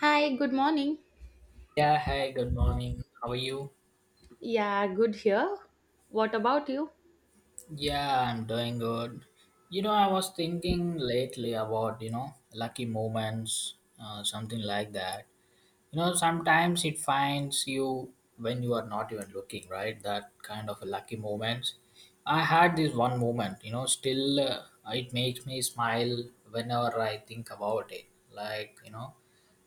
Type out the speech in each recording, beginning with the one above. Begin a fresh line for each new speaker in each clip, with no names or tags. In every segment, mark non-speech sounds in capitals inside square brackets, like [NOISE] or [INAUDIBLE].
Hi, good morning.
Yeah, hey, good morning. How are you?
Yeah, good here. What about you?
Yeah, I'm doing good. I was thinking lately about, lucky moments, something like that. Sometimes it finds you when you are not even looking, right? That kind of lucky moments. I had this one moment, still, it makes me smile whenever I think about it. Like, you know,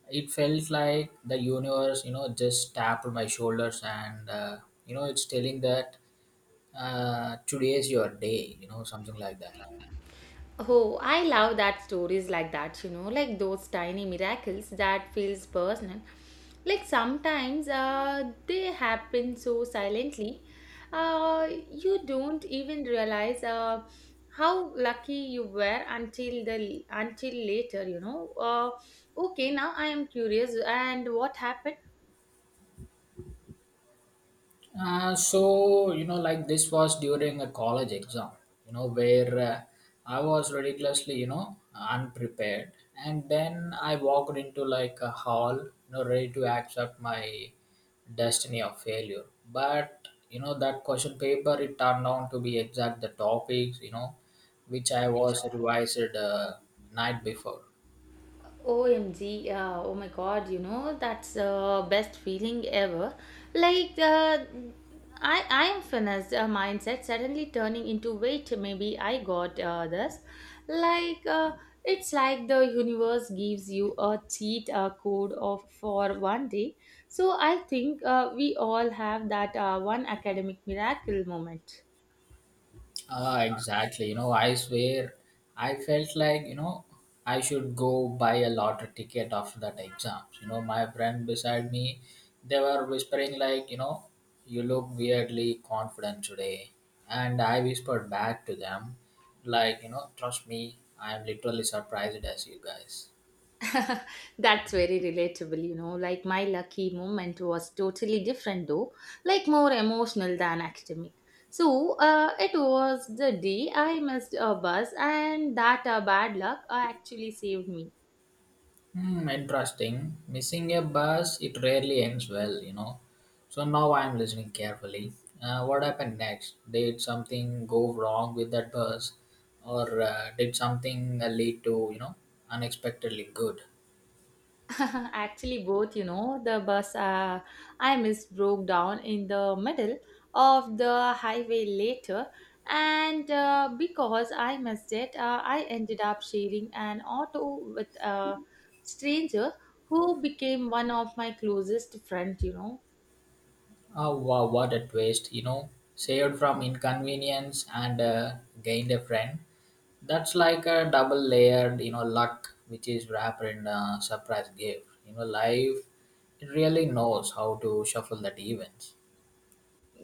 it felt like the universe, just tapped my shoulders and, it's telling that today is your day, something like that.
Oh, I love that stories like that, like those tiny miracles that feels personal. Like sometimes they happen so silently, you don't even realize how lucky you were until the until later. Okay, now I am curious. And what happened?
So, like, this was during a college exam, where I was ridiculously, unprepared. And then I walked into like a hall, ready to accept my destiny of failure. But that question paper, it turned out to be exact the topics, which I was revised night before.
OMG, oh my god, that's the best feeling ever. Like, I am finished mindset suddenly turning into wait, maybe I got this. Like, it's like the universe gives you a cheat code of for one day. So I think we all have that one academic miracle moment.
Ah, exactly. I swear, I felt like, I should go buy a lottery ticket after that exams. My friend beside me, they were whispering like, you look weirdly confident today. And I whispered back to them, like, trust me, I'm literally surprised as you guys.
[LAUGHS] That's very relatable. Like my lucky moment was totally different though, like more emotional than academic. So, it was the day I missed a bus, and that bad luck actually saved me.
Hmm, interesting. Missing a bus, it rarely ends well. So now I'm listening carefully. What happened next? Did something go wrong with that bus, or did something lead to unexpectedly good?
[LAUGHS] Actually, both, the bus I missed broke down in the middle of the highway later, and because I missed it, I ended up sharing an auto with a stranger who became one of my closest friends.
Oh wow, what a twist! Saved from inconvenience and gained a friend. That's like a double layered luck, which is wrapped in a surprise gift. Life it really knows how to shuffle that events.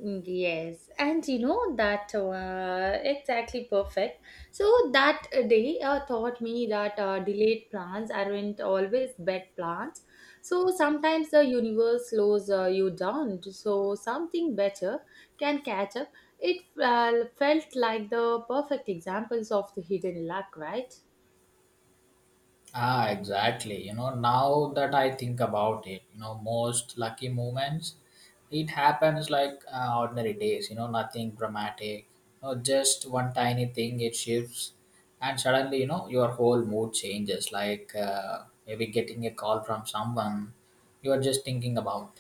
Yes, and you know that exactly perfect. So that day taught me that delayed plans aren't always bad plans. So sometimes the universe slows you down, so something better can catch up. It felt like the perfect examples of the hidden luck, right?
Ah, exactly. Now that I think about it, most lucky moments, it happens like ordinary days, nothing dramatic. Just one tiny thing, it shifts, and suddenly, your whole mood changes. Like maybe getting a call from someone you are just thinking about.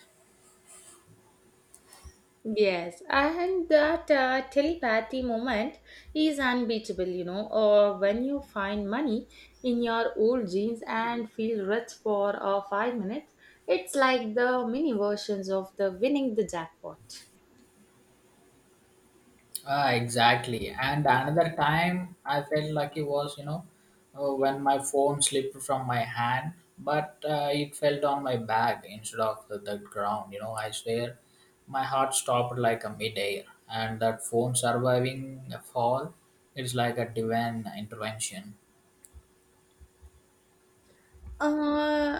Yes, and that telepathy moment is unbeatable, or when you find money in your old jeans and feel rich for 5 minutes, it's like the mini versions of the winning the jackpot.
Ah, exactly. And another time I felt lucky was, when my phone slipped from my hand, but it fell on my back instead of the ground. I swear my heart stopped like a midair. And that phone surviving a fall, it's like a divine intervention.
Uh,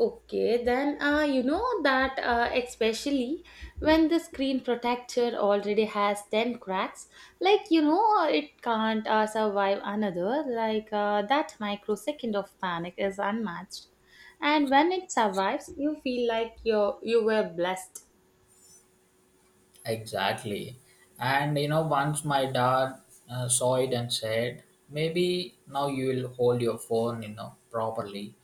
okay, then you know that especially when the screen protector already has 10 cracks, it can't survive another, like that microsecond of panic is unmatched. And when it survives, you feel like you were blessed.
Exactly. And once my dad saw it and said, maybe now you will hold your phone, properly.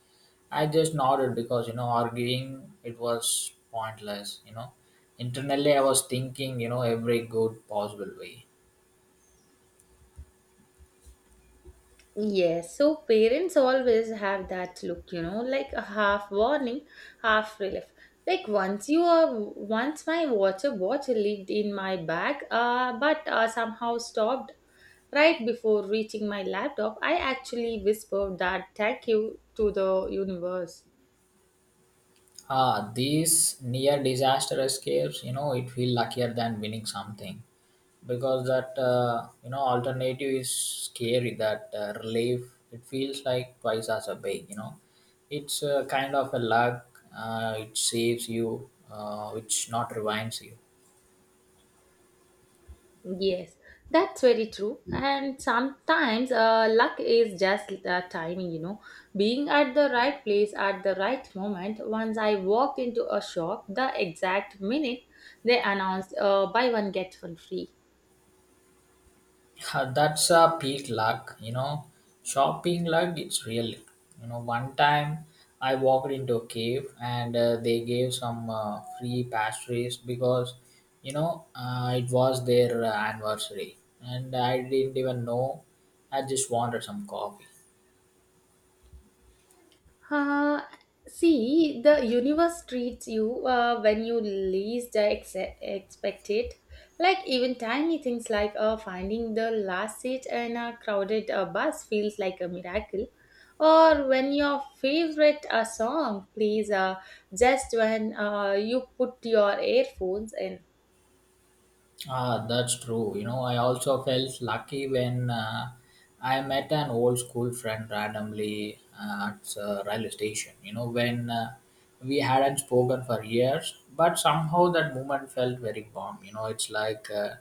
I just nodded because arguing it was pointless. Internally I was thinking every good possible way.
Yes, so parents always have that look, like a half warning, half relief. Like once my water bottle leaked in my bag, but somehow stopped right before reaching my laptop. I actually whispered that thank you to the universe.
Ah, these near disaster escapes. It feel luckier than winning something because that alternative is scary. That relief it feels like twice as a big. It's kind of a luck. It saves you, which not rewinds you.
Yes, that's very true. And sometimes luck is just the timing, being at the right place at the right moment. Once I walked into a shop, the exact minute they announced buy one, get one free.
[LAUGHS] That's a peak luck, shopping luck, it's real. One time I walked into a cave, and they gave some free pastries because it was their anniversary, and I didn't even know, I just wanted some coffee.
Uh, See, the universe treats you when you least expect it. Like even tiny things like finding the last seat in a crowded bus feels like a miracle. Or when your favorite song plays just when you put your earphones in.
Ah, that's true. I also felt lucky when I met an old school friend randomly at a railway station. When we hadn't spoken for years, but somehow that moment felt very warm. It's like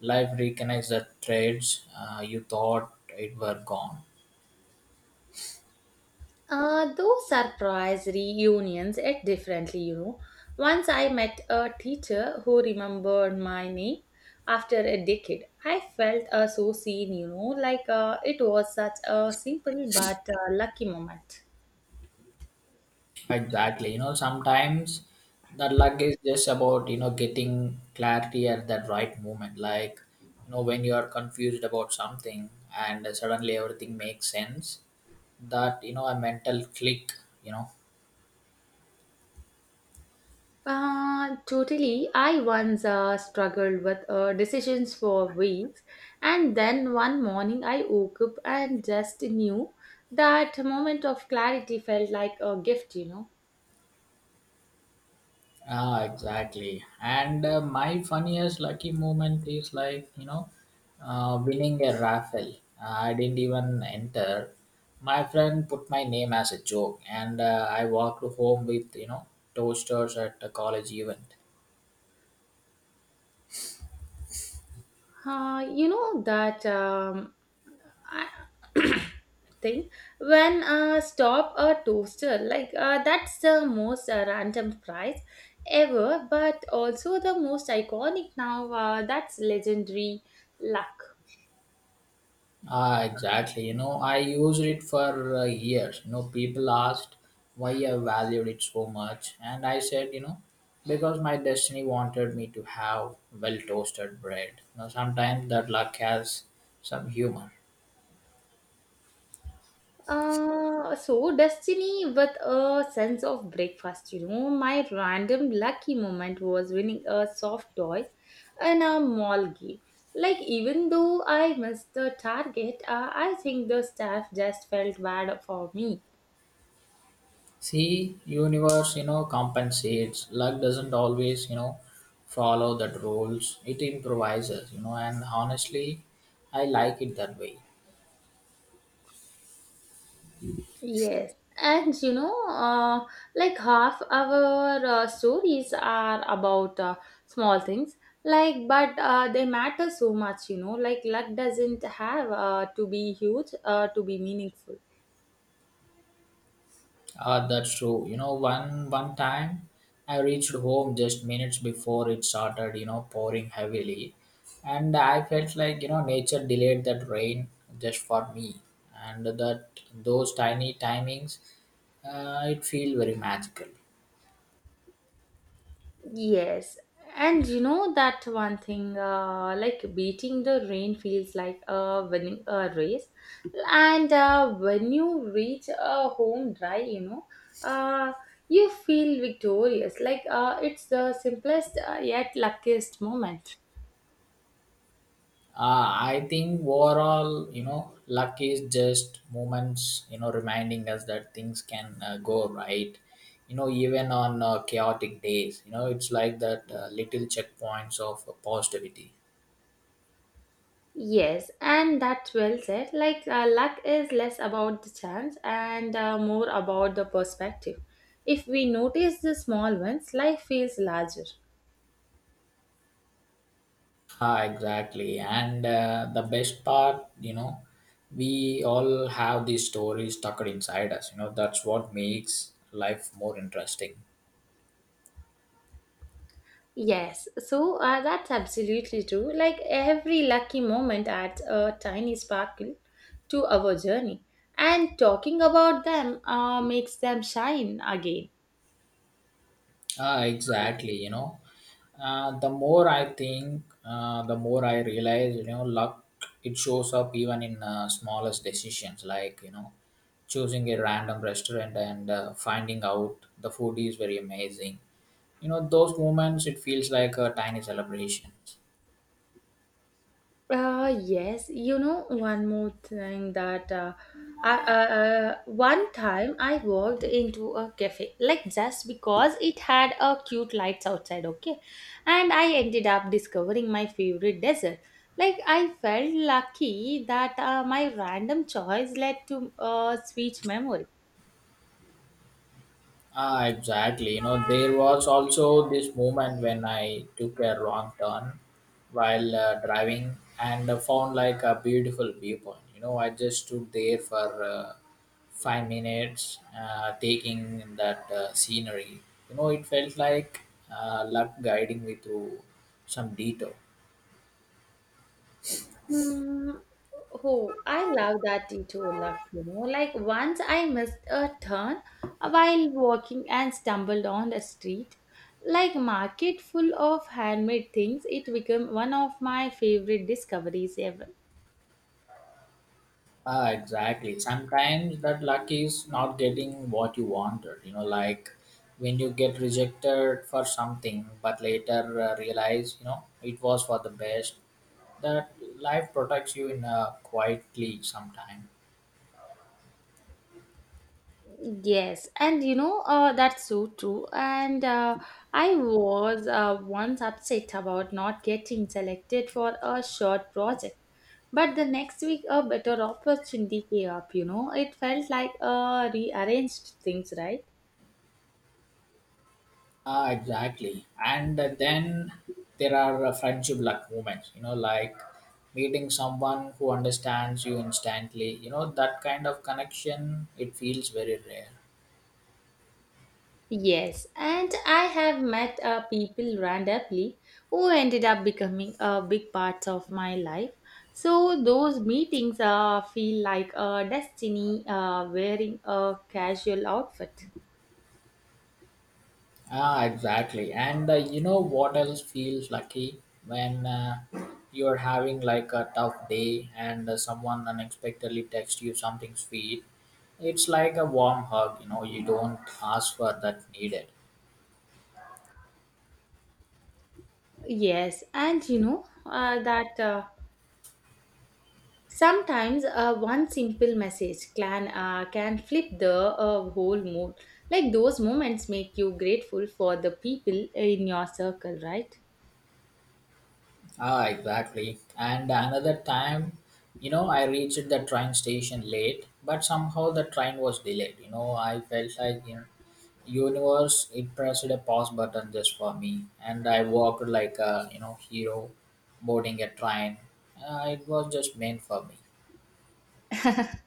life reconnects the threads, you thought it were gone.
Those surprise reunions act differently. Once I met a teacher who remembered my name after a decade. I felt so seen, like it was such a simple but lucky moment.
Exactly. Sometimes that luck is just about, getting clarity at that right moment. Like, when you are confused about something and suddenly everything makes sense, that, a mental click, you know,
Totally. I once struggled with decisions for weeks, and then one morning I woke up and just knew that moment of clarity felt like a gift.
Ah, exactly. And my funniest lucky moment is like, winning a raffle. I didn't even enter. My friend put my name as a joke, and I walked home with, toasters at a college event.
You know that I- [COUGHS] [CLEARS THROAT] thing when stop a toaster like that's the most random prize ever, but also the most iconic. Now that's legendary.
Ah, exactly. I used it for years. People asked why I valued it so much, and I said, because my destiny wanted me to have well toasted bread. Sometimes that luck has some humor.
So destiny with a sense of breakfast, my random lucky moment was winning a soft toy in a mall game. Like even though I missed the target, I think the staff just felt bad for me.
See, universe, compensates. Luck doesn't always, follow that rules. It improvises, and honestly, I like it that way.
Yes. And like half our stories are about small things, like, but they matter so much, like luck doesn't have to be huge to be meaningful.
Ah, that's true. One time I reached home just minutes before it started, pouring heavily. And I felt like, nature delayed that rain just for me. And that those tiny timings, it feel very magical.
Yes. And you know that one thing, like beating the rain feels like winning a race, and when you reach home dry, you know uh, you feel victorious like it's the simplest yet luckiest moment.
I think overall, luck is just moments, reminding us that things can go right. Even on chaotic days, it's like that little checkpoints of positivity.
Yes, and that's well said. Like luck is less about the chance and more about the perspective. If we notice the small ones, life feels larger.
Ah, exactly. And the best part, we all have these stories tucked inside us. That's what makes life more interesting.
Yes, so that's absolutely true. Like every lucky moment adds a tiny sparkle to our journey, and talking about them makes them shine again.
Ah, exactly. The more I think, the more I realize. Luck it shows up even in smallest decisions, like choosing a random restaurant and finding out the food is very amazing. Those moments it feels like a tiny celebration.
Yes, one more thing that one time I walked into a cafe, like just because it had a cute lights outside, okay? And I ended up discovering my favorite dessert. Like, I felt lucky that my random choice led to a sweet memory.
Ah, exactly. There was also this moment when I took a wrong turn while driving and found like a beautiful viewpoint. I just stood there for 5 minutes, taking in that scenery. It felt like luck guiding me through some detour.
Hmm. Oh, I love that detour luck. Like once I missed a turn while walking and stumbled on the street. Like market full of handmade things, it became one of my favorite discoveries ever.
Ah, exactly. Sometimes that luck is not getting what you wanted. Like when you get rejected for something, but later realize, it was for the best. That life protects you in a quietly sometime.
Yes, and that's so true. And I was once upset about not getting selected for a short project. But the next week, a better opportunity came up. It felt like rearranged things, right?
Ah, exactly. And then there are friendship luck moments. Like meeting someone who understands you instantly. That kind of connection. It feels very rare.
Yes, and I have met people randomly who ended up becoming a big part of my life. So those meetings feel like a destiny wearing a casual outfit.
Ah, exactly. And you know what else feels lucky when you're having like a tough day and someone unexpectedly texts you something sweet. It's like a warm hug, you don't ask for that needed.
Yes, and that sometimes one simple message can flip the whole mood. Like those moments make you grateful for the people in your circle, right?
Ah, exactly. And another time, I reached the train station late, but somehow the train was delayed. I felt like, you universe it pressed a pause button just for me, and I walked like a hero boarding a train, it was just meant for me.
[LAUGHS]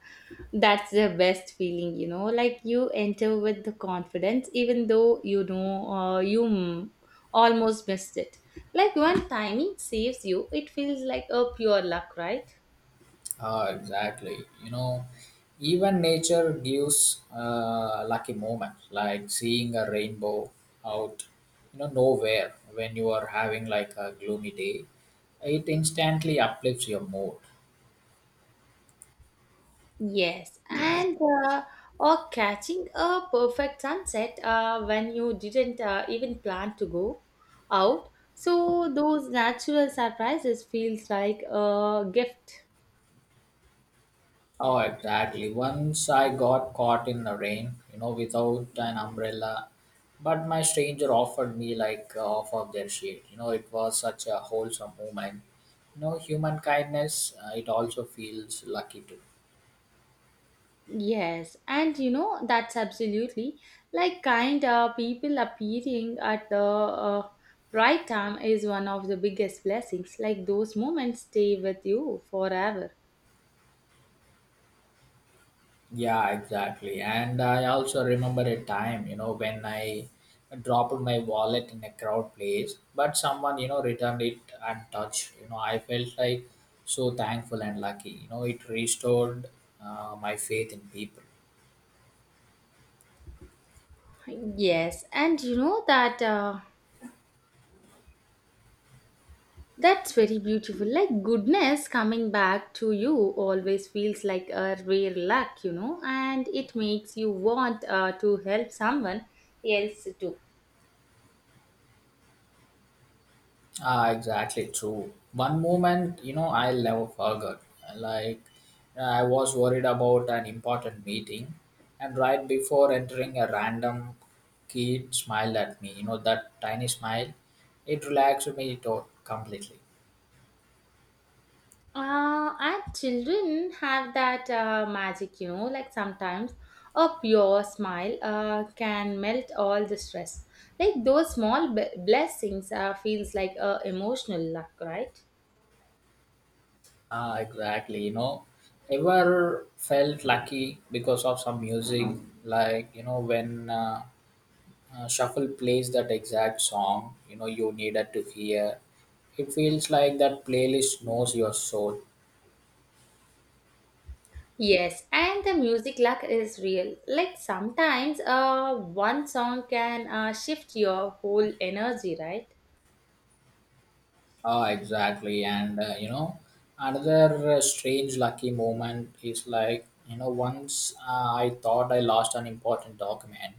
That's the best feeling, like you enter with the confidence, even though you know you almost missed it. Like when timing saves you, it feels like a pure luck, right?
Ah, exactly. Even nature gives lucky moments, like seeing a rainbow out nowhere, when you are having like a gloomy day, it instantly uplifts your mood.
Yes, and uh, or catching a perfect sunset when you didn't even plan to go out. So those natural surprises feels like a gift.
Oh, exactly. Once I got caught in the rain, without an umbrella, but my stranger offered me like half of their shade. It was such a wholesome moment. Human kindness, it also feels lucky too.
Yes, and that's absolutely like kind of people appearing at the right time is one of the biggest blessings. Like those moments stay with you forever.
Yeah, exactly. And I also remember a time, when I dropped my wallet in a crowd place, but someone, returned it untouched. I felt like so thankful and lucky. It restored my faith in people.
Yes, and that's very beautiful. Like goodness coming back to you always feels like a rare luck, and it makes you want to help someone else too.
Ah, exactly true. One moment, I'll never forget. Like, I was worried about an important meeting, and right before entering, a random kid smiled at me. That tiny smile, it relaxed completely.
And children have that magic, like sometimes a pure smile can melt all the stress. Like those small blessings feels like a emotional luck, right?
Ah, exactly. Ever felt lucky because of some music? Like, when shuffle plays that exact song you needed to hear, it feels like that playlist knows your soul.
Yes, and the music luck is real. Like sometimes one song can shift your whole energy, right?
Ah exactly and another strange lucky moment is like, once I thought I lost an important document.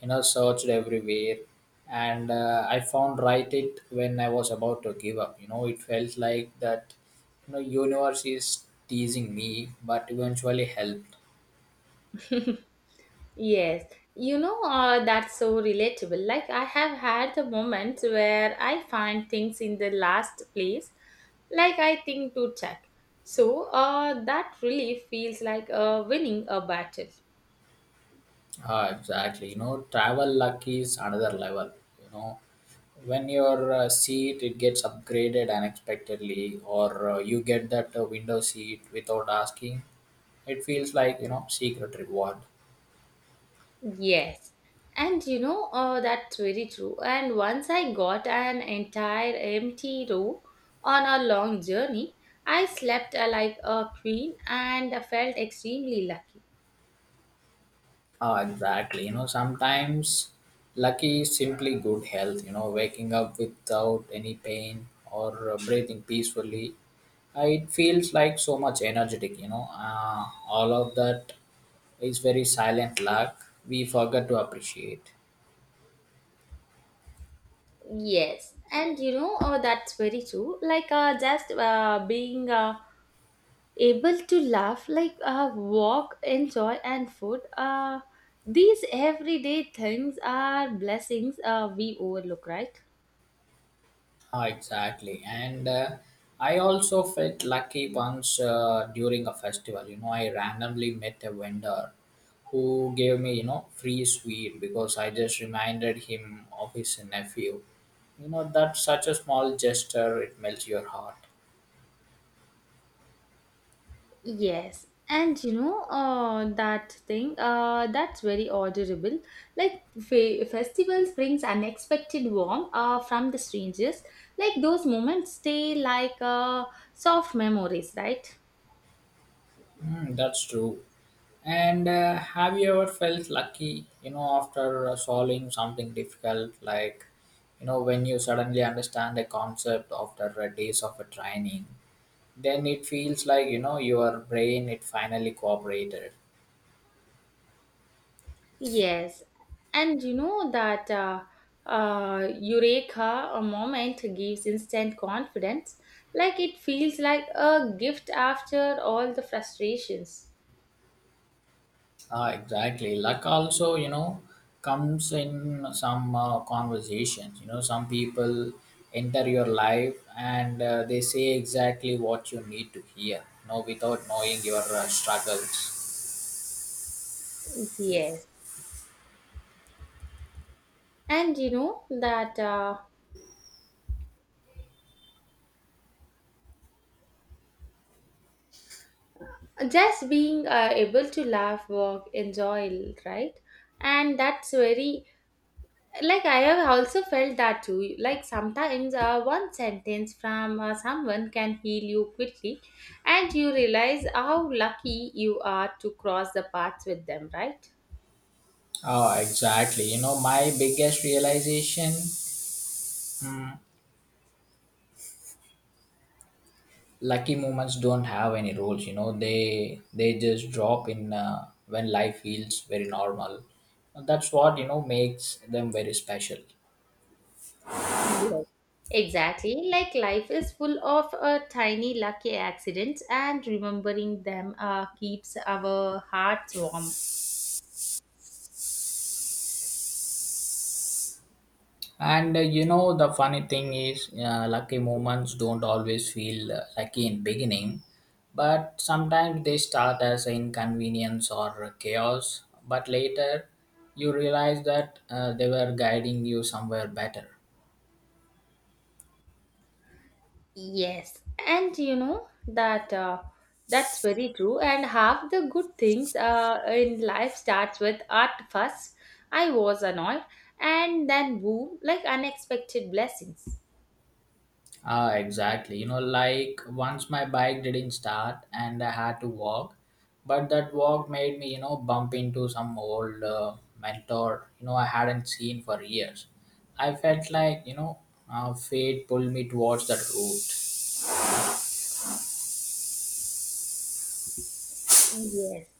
Searched everywhere, and I found right it when I was about to give up. It felt like that, universe is teasing me, but eventually helped.
[LAUGHS] Yes, that's so relatable. Like, I have had the moments where I find things in the last place, like I think to check. So, that really feels like winning a battle.
Ah, exactly. Travel luck is another level. You know, when your seat it gets upgraded unexpectedly, or you get that window seat without asking, it feels like secret reward.
Yes. And that's very true. And once I got an entire empty row on a long journey, I slept like a queen and felt extremely lucky.
Ah, exactly. Sometimes lucky is simply good health, waking up without any pain or breathing peacefully. It feels like so much energetic. All of that is very silent luck we forget to appreciate.
Yes, and that's very true. Like just being able to laugh, like walk, enjoy, and food. These everyday things are blessings we overlook, right?
Ah, exactly. And I also felt lucky once during a festival. I randomly met a vendor who gave me, free sweet because I just reminded him of his nephew. That's such a small gesture, it melts your heart.
Yes, and that thing that's very orderable. Like festivals brings unexpected warmth from the strangers. Like those moments stay like soft memories, right?
Mm, that's true. And Have you ever felt lucky, you know, after solving something difficult, like, you know, when you suddenly understand a concept after days of a training? Then it feels like, you know, your brain it finally cooperated
Yes, and you know that eureka a moment gives instant confidence, like it feels like a gift after all the frustrations.
ah exactly, luck also, you know, comes in some conversations, you know, some people enter your life and they say exactly what you need to hear, you know, without knowing your struggles.
Yes, and you know that just being able to laugh, work, enjoy, right? And that's very like I have also felt that too. Like sometimes one sentence from someone can heal you quickly, and you realize how lucky you are to cross the paths with them, right?
Ah, exactly, you know, my biggest realization, mm, lucky moments don't have any rules, you know, they just drop in when life feels very normal. That's what, you know, makes them very special.
Yes. Exactly, like life is full of tiny lucky accidents, and remembering them keeps our hearts warm.
And you know, the funny thing is, lucky moments don't always feel lucky in beginning, but sometimes they start as inconvenience or chaos, but later you realize that they were guiding you somewhere better.
Yes, and that's very true. And half the good things in life starts with art first. I was annoyed, and then boom, like unexpected blessings.
Ah, exactly. You know, like once my bike didn't start and I had to walk, but that walk made me, you know, bump into some old mentor, you know, I hadn't seen for years. I felt like, you know, fate pulled me towards that route.
Yes.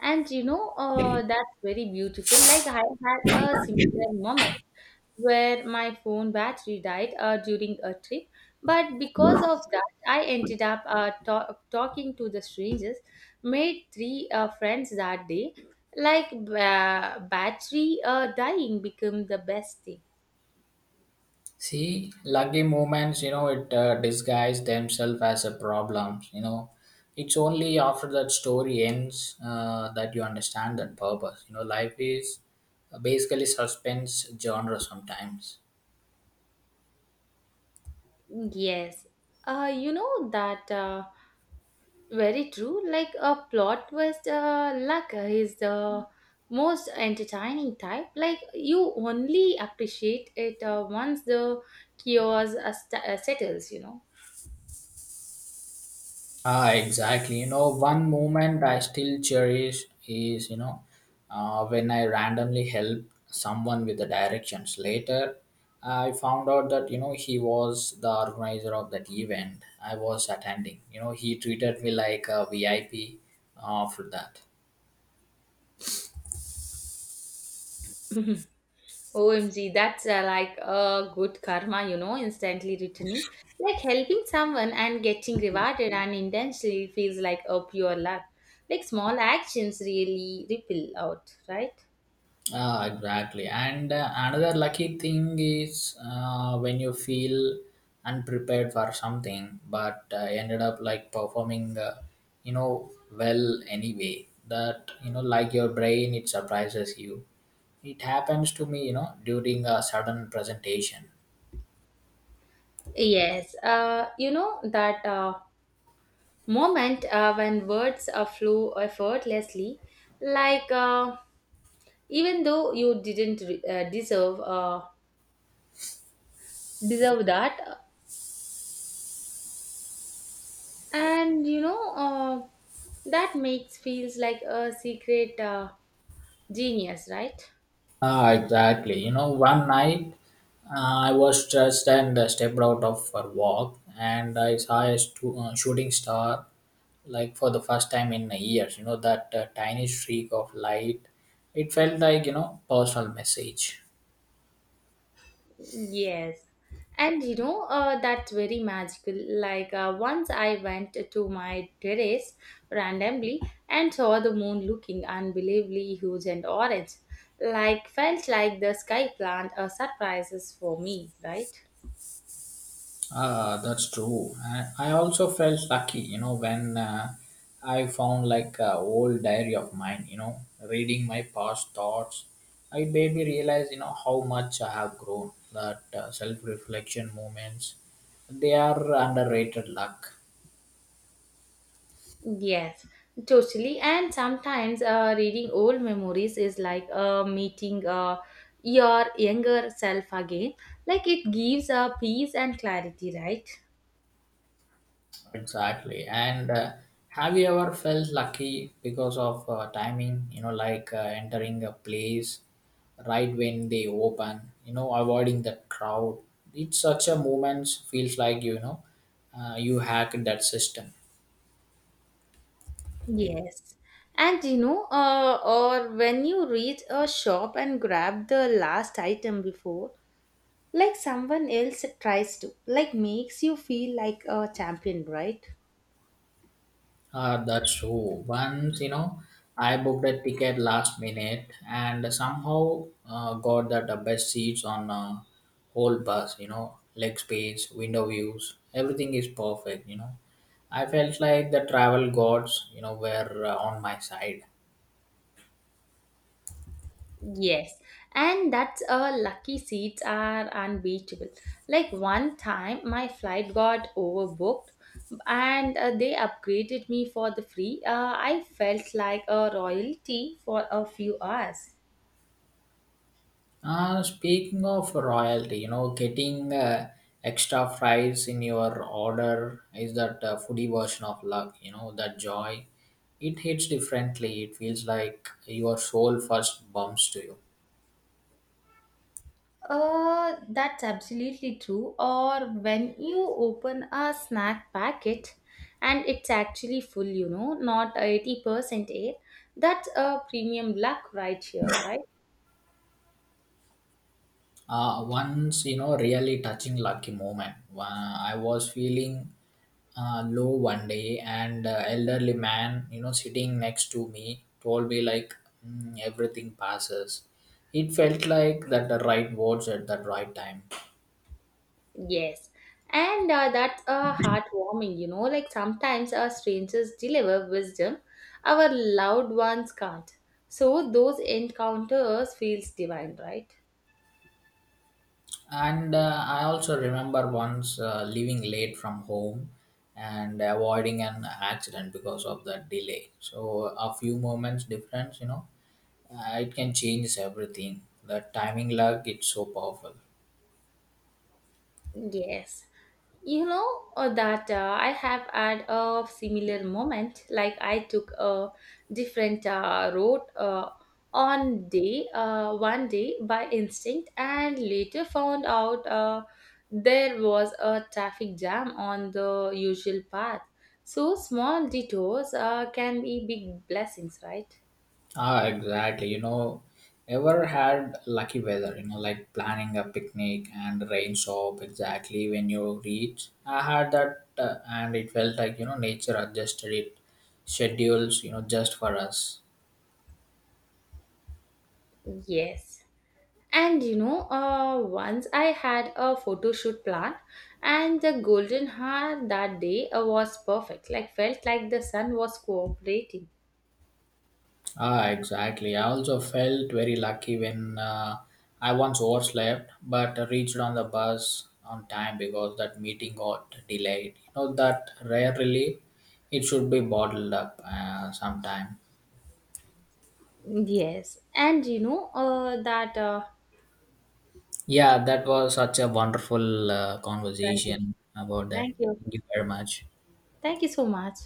And that's very beautiful. Like I had a similar moment where my phone battery died during a trip, but because of that, I ended up talking to the strangers, made three friends that day. Like battery dying became the best thing.
See, lucky moments, you know, it disguise themselves as a problem. You know, it's only after that story ends that you understand that purpose. You know, life is basically suspense genre sometimes.
Yes. You know that. Very true. Like a plot twist, luck is the most entertaining type. Like you only appreciate it once the chaos settles.
Ah, exactly. You know, one moment I still cherish is, you know, when I randomly helped someone with the directions. Later, I found out that, you know, he was the organizer of that event I was attending. You know, he treated me like a VIP for that.
[LAUGHS] OMG, that's like a good karma, instantly returning. Like helping someone and getting rewarded and intentionally feels like a pure luck. Like small actions really ripple out, right?
Ah, exactly. And another lucky thing is when you feel unprepared for something, but ended up like performing, you know, well anyway. That, you know, like your brain, it surprises you. It happens to me, you know, during a sudden presentation.
Yes, you know that. Moment when words flow effortlessly like even though you didn't deserve that, and that makes feels like a secret genius, right?
Ah, exactly. You know, one night I was stressed and stepped out of for walk, and I saw a shooting star, like for the first time in years. You know that tiny streak of light. It felt like, you know, personal message.
Yes. And that's very magical. Like once I went to my terrace randomly and saw the moon looking unbelievably huge and orange. Like felt like the sky planned a surprises for me, right?
Ah, that's true. I also felt lucky, you know, when I found like a old diary of mine, you know, reading my past thoughts. It made me realize, you know, how much I have grown. That self reflection moments, they are underrated luck.
Yes, totally. And sometimes reading old memories is like meeting your younger self again. Like it gives a peace and clarity, right?
Exactly. And have you ever felt lucky because of timing, you know, like entering a place right when they open, you know, avoiding the crowd? It's such a moment, feels like, you know, you hacked that system.
Yes. And or when you reach a shop and grab the last item before, like someone else tries to, like makes you feel like a champion, right?
Ah, that's true. Once, you know, I booked a ticket last minute and somehow got that the best seats on whole bus, you know, leg space, window views, everything is perfect, you know. I felt like the travel gods, you know, were on my side.
Yes, and that's lucky seats are unbeatable. Like one time, my flight got overbooked, and they upgraded me for the free. I felt like a royalty for a few hours.
Speaking of royalty, you know, getting extra fries in your order is that foodie version of luck, you know, that joy. It hits differently. It feels like your soul first bumps to you.
That's absolutely true. Or when you open a snack packet and it's actually full, not 80% air, that's a premium luck right here, right?
Once, you know, really touching lucky moment. I was feeling low one day, and elderly man, you know, sitting next to me, told me like, "Mm, everything passes." It felt like that the right words at the right time.
Yes. And that's a heartwarming, like sometimes our strangers deliver wisdom our loud ones can't. So those encounters feels divine, right?
And I also remember once leaving late from home and avoiding an accident because of the delay. So a few moments difference, you know, it can change everything. The timing luck, it's so powerful.
Yes. You know that I have had a similar moment. Like I took a different road on day one day by instinct, and later found out there was a traffic jam on the usual path. So small detours can be big blessings, right?
Ah, exactly. You know, ever had lucky weather, you know, like planning a picnic and rain stop exactly when you reach. I had that and it felt like, you know, nature adjusted it schedules, you know, just for us.
Yes. And once I had a photo shoot plan, and the golden hour that day was perfect. Like felt like the sun was cooperating.
Ah, exactly. I also felt very lucky when I once overslept but reached on the bus on time because that meeting got delayed. You know, that rarely it should be bottled up sometime.
Yes, and you know that.
Yeah, that was such a wonderful
Thank you,
conversation about that.
thank you,
Thank you very much.
thank you so much.